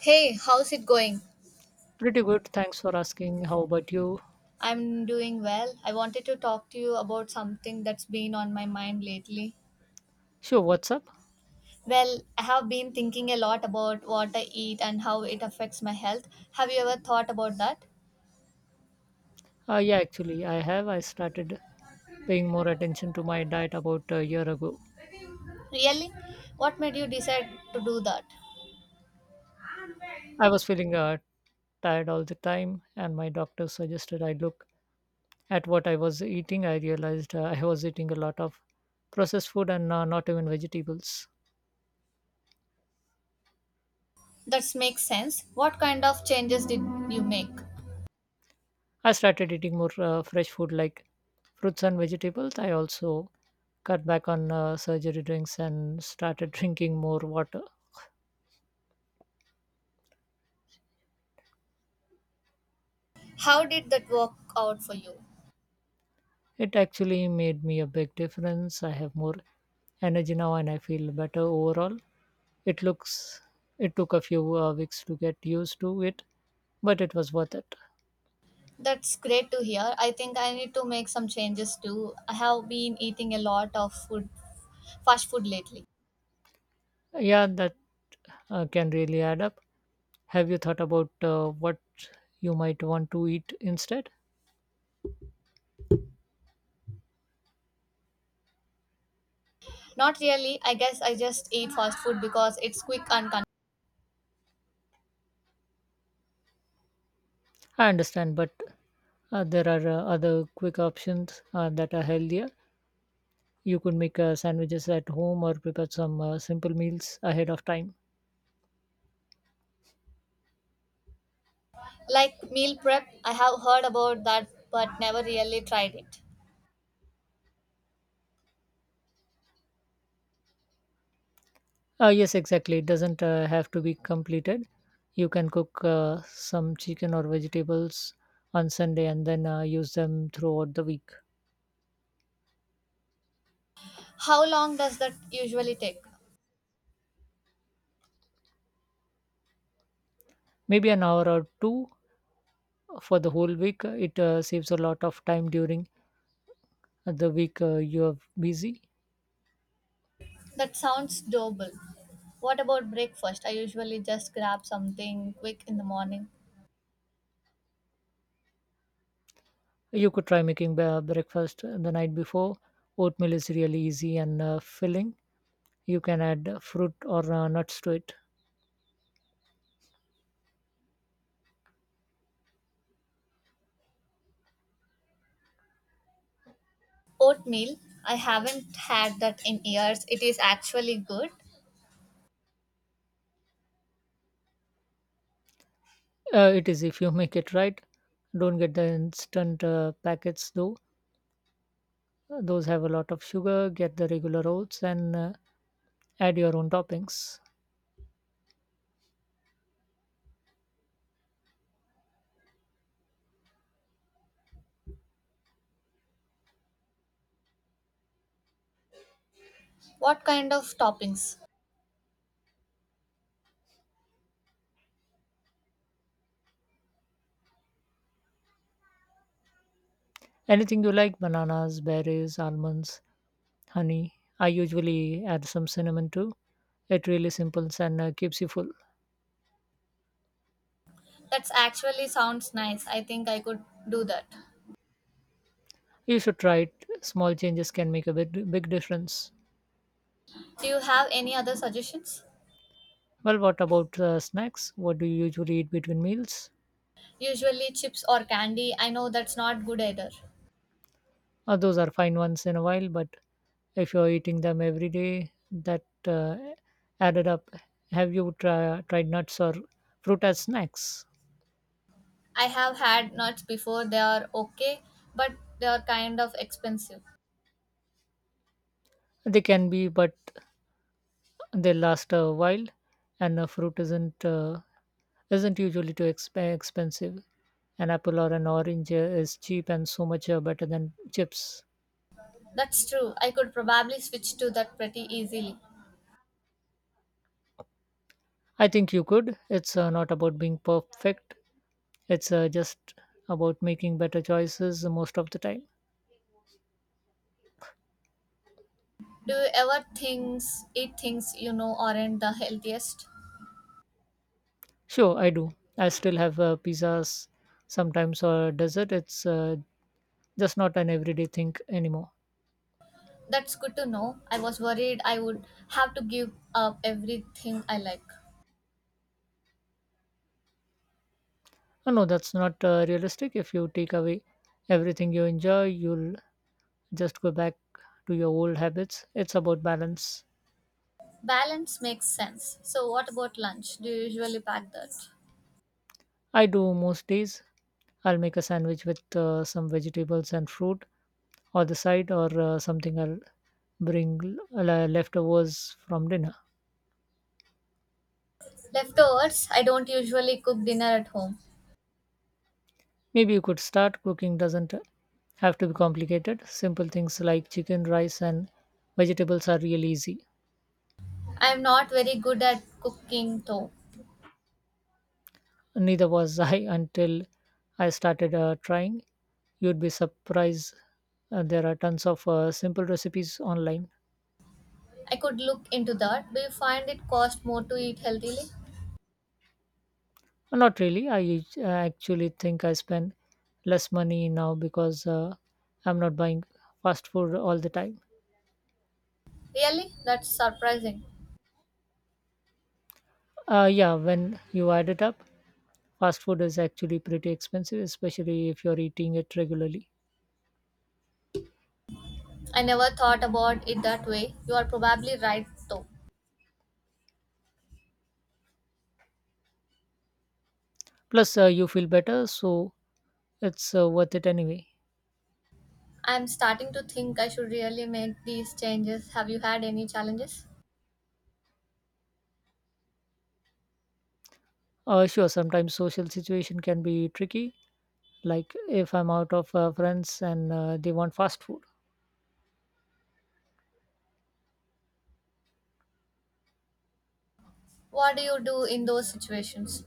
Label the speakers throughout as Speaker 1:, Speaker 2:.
Speaker 1: Hey, how's it going?
Speaker 2: Pretty good. Thanks for asking. How about you?
Speaker 1: I'm doing well. I wanted to talk to you about something that's been on my mind lately.
Speaker 2: Sure, what's up?
Speaker 1: Well, I have been thinking a lot about what I eat and how it affects my health. Have you ever thought about that?
Speaker 2: Yeah, actually, I have. I started paying more attention to my diet about a year ago.
Speaker 1: Really? What made you decide to do that?
Speaker 2: I was feeling tired all the time, and my doctor suggested I look at what I was eating. I realized I was eating a lot of processed food and not even vegetables.
Speaker 1: That makes sense. What kind of changes did you make?
Speaker 2: I started eating more fresh food like fruits and vegetables. I also cut back on surgery drinks and started drinking more water.
Speaker 1: How did that work out for you?
Speaker 2: It actually made me a big difference. I have more energy now and I feel better overall. It looks it took a few weeks to get used to it, but it was worth it.
Speaker 1: That's great to hear. I think I need to make some changes too. I have been eating a lot of food, fast food lately.
Speaker 2: Yeah, that can really add up. Have you thought about what you might want to eat instead?
Speaker 1: Not really. I guess I just eat fast food because it's quick and con-
Speaker 2: I understand, but there are other quick options that are healthier. You could make sandwiches at home or prepare some simple meals ahead of time.
Speaker 1: like meal prep. I have heard about that but never really tried it.
Speaker 2: Yes, exactly. It doesn't have to be completed. You can cook some chicken or vegetables on Sunday and then use them throughout the week.
Speaker 1: How long does that usually take?
Speaker 2: Maybe an hour or two for the whole week. It saves a lot of time during the week you are busy.
Speaker 1: That sounds doable. What about breakfast? I usually just grab something quick in the morning.
Speaker 2: You could try making breakfast the night before. Oatmeal is really easy and filling. You can add fruit or nuts to it.
Speaker 1: Oatmeal. I haven't had that in years. It is actually good.
Speaker 2: It is if you make it right. Don't get the instant packets though. Those have a lot of sugar. Get the regular oats and add your own toppings.
Speaker 1: What kind of toppings?
Speaker 2: Anything you like: bananas, berries, almonds, honey. I usually add some cinnamon too. It really simples and keeps you full.
Speaker 1: That's actually sounds nice. I think I could do that.
Speaker 2: You should try it. Small changes can make a big, big difference.
Speaker 1: Do you have any other suggestions?
Speaker 2: Well, what about snacks? What do you usually eat between meals?
Speaker 1: Usually chips or candy. I know that's not good either.
Speaker 2: Those are fine once in a while, but if you're eating them every day, that added up. Have you tried nuts or fruit as snacks?
Speaker 1: I have had nuts before, they are okay, but they are kind of expensive.
Speaker 2: They can be, but they last a while, and a fruit isn't usually too expensive. An apple or an orange is cheap and so much better than chips.
Speaker 1: That's true. I could probably switch to that pretty easily.
Speaker 2: I think you could. It's not about being perfect. It's just about making better choices most of the time.
Speaker 1: Do you ever things eat things you know aren't the healthiest?
Speaker 2: Sure, I do. I still have pizzas sometimes, or dessert. It's just not an everyday thing anymore.
Speaker 1: That's good to know. I was worried I would have to give up everything I like.
Speaker 2: Oh, no, that's not realistic. If you take away everything you enjoy, you'll just go back to your old habits. It's about balance.
Speaker 1: Balance makes sense. So what about lunch? Do you usually pack that?
Speaker 2: I do most days. I'll make a sandwich with some vegetables and fruit or the side, or something I'll bring. Leftovers from dinner.
Speaker 1: Leftovers, I don't usually cook dinner at home.
Speaker 2: Maybe you could start cooking. Doesn't have to be complicated. Simple things like chicken, rice and vegetables are really easy.
Speaker 1: I am not very good at cooking though.
Speaker 2: Neither was I until I started trying. You'd be surprised. There are tons of simple recipes online.
Speaker 1: I could look into that. Do you find it cost more to eat healthily?
Speaker 2: Well, not really. I actually think I spend less money now because I'm not buying fast food all the time.
Speaker 1: Really? That's surprising.
Speaker 2: Yeah, when you add it up, fast food is actually pretty expensive, especially if you're eating it regularly.
Speaker 1: I never thought about it that way. You are probably right though.
Speaker 2: Plus, you feel better, so it's worth it anyway.
Speaker 1: I am starting to think I should really make these changes. Have you had any challenges?
Speaker 2: Sure, sometimes social situation can be tricky. Like if I'm out of friends and they want fast food,
Speaker 1: What do you do in those situations?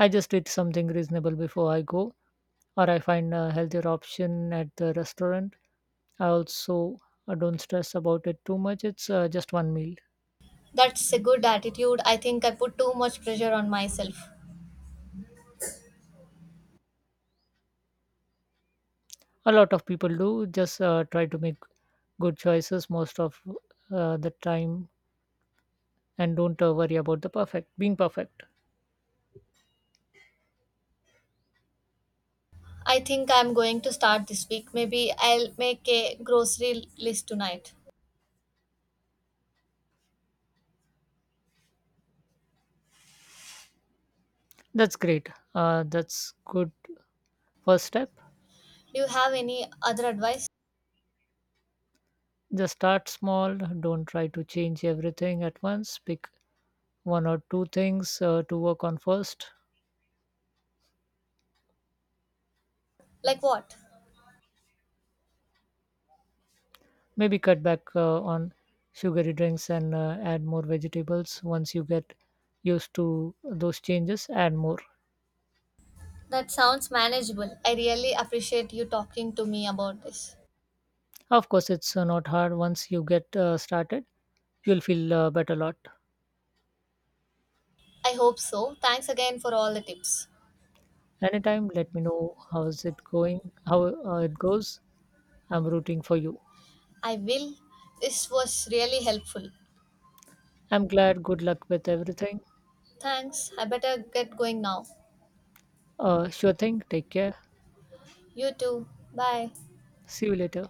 Speaker 2: I just eat something reasonable before I go, or I find a healthier option at the restaurant. I also don't stress about it too much. It's just one meal.
Speaker 1: That's a good attitude. I think I put too much pressure on myself.
Speaker 2: A lot of people do. Just try to make good choices most of the time and don't worry about the perfect being perfect.
Speaker 1: I think I'm going to start this week. Maybe I'll make a grocery list tonight.
Speaker 2: That's great. That's good first step.
Speaker 1: Do you have any other advice?
Speaker 2: Just start small. Don't try to change everything at once. Pick one or two things to work on first.
Speaker 1: Like what?
Speaker 2: Maybe cut back on sugary drinks and add more vegetables. Once you get used to those changes, add more.
Speaker 1: That sounds manageable. I really appreciate you talking to me about this.
Speaker 2: Of course, it's not hard once you get started. You'll feel better lot.
Speaker 1: I hope so. Thanks again for all the tips.
Speaker 2: Anytime, let me know how it goes. I'm rooting for you.
Speaker 1: I will. This was really helpful.
Speaker 2: I'm glad. Good luck with everything.
Speaker 1: Thanks. I better get going now.
Speaker 2: Sure thing. Take care.
Speaker 1: You too. Bye.
Speaker 2: See you later.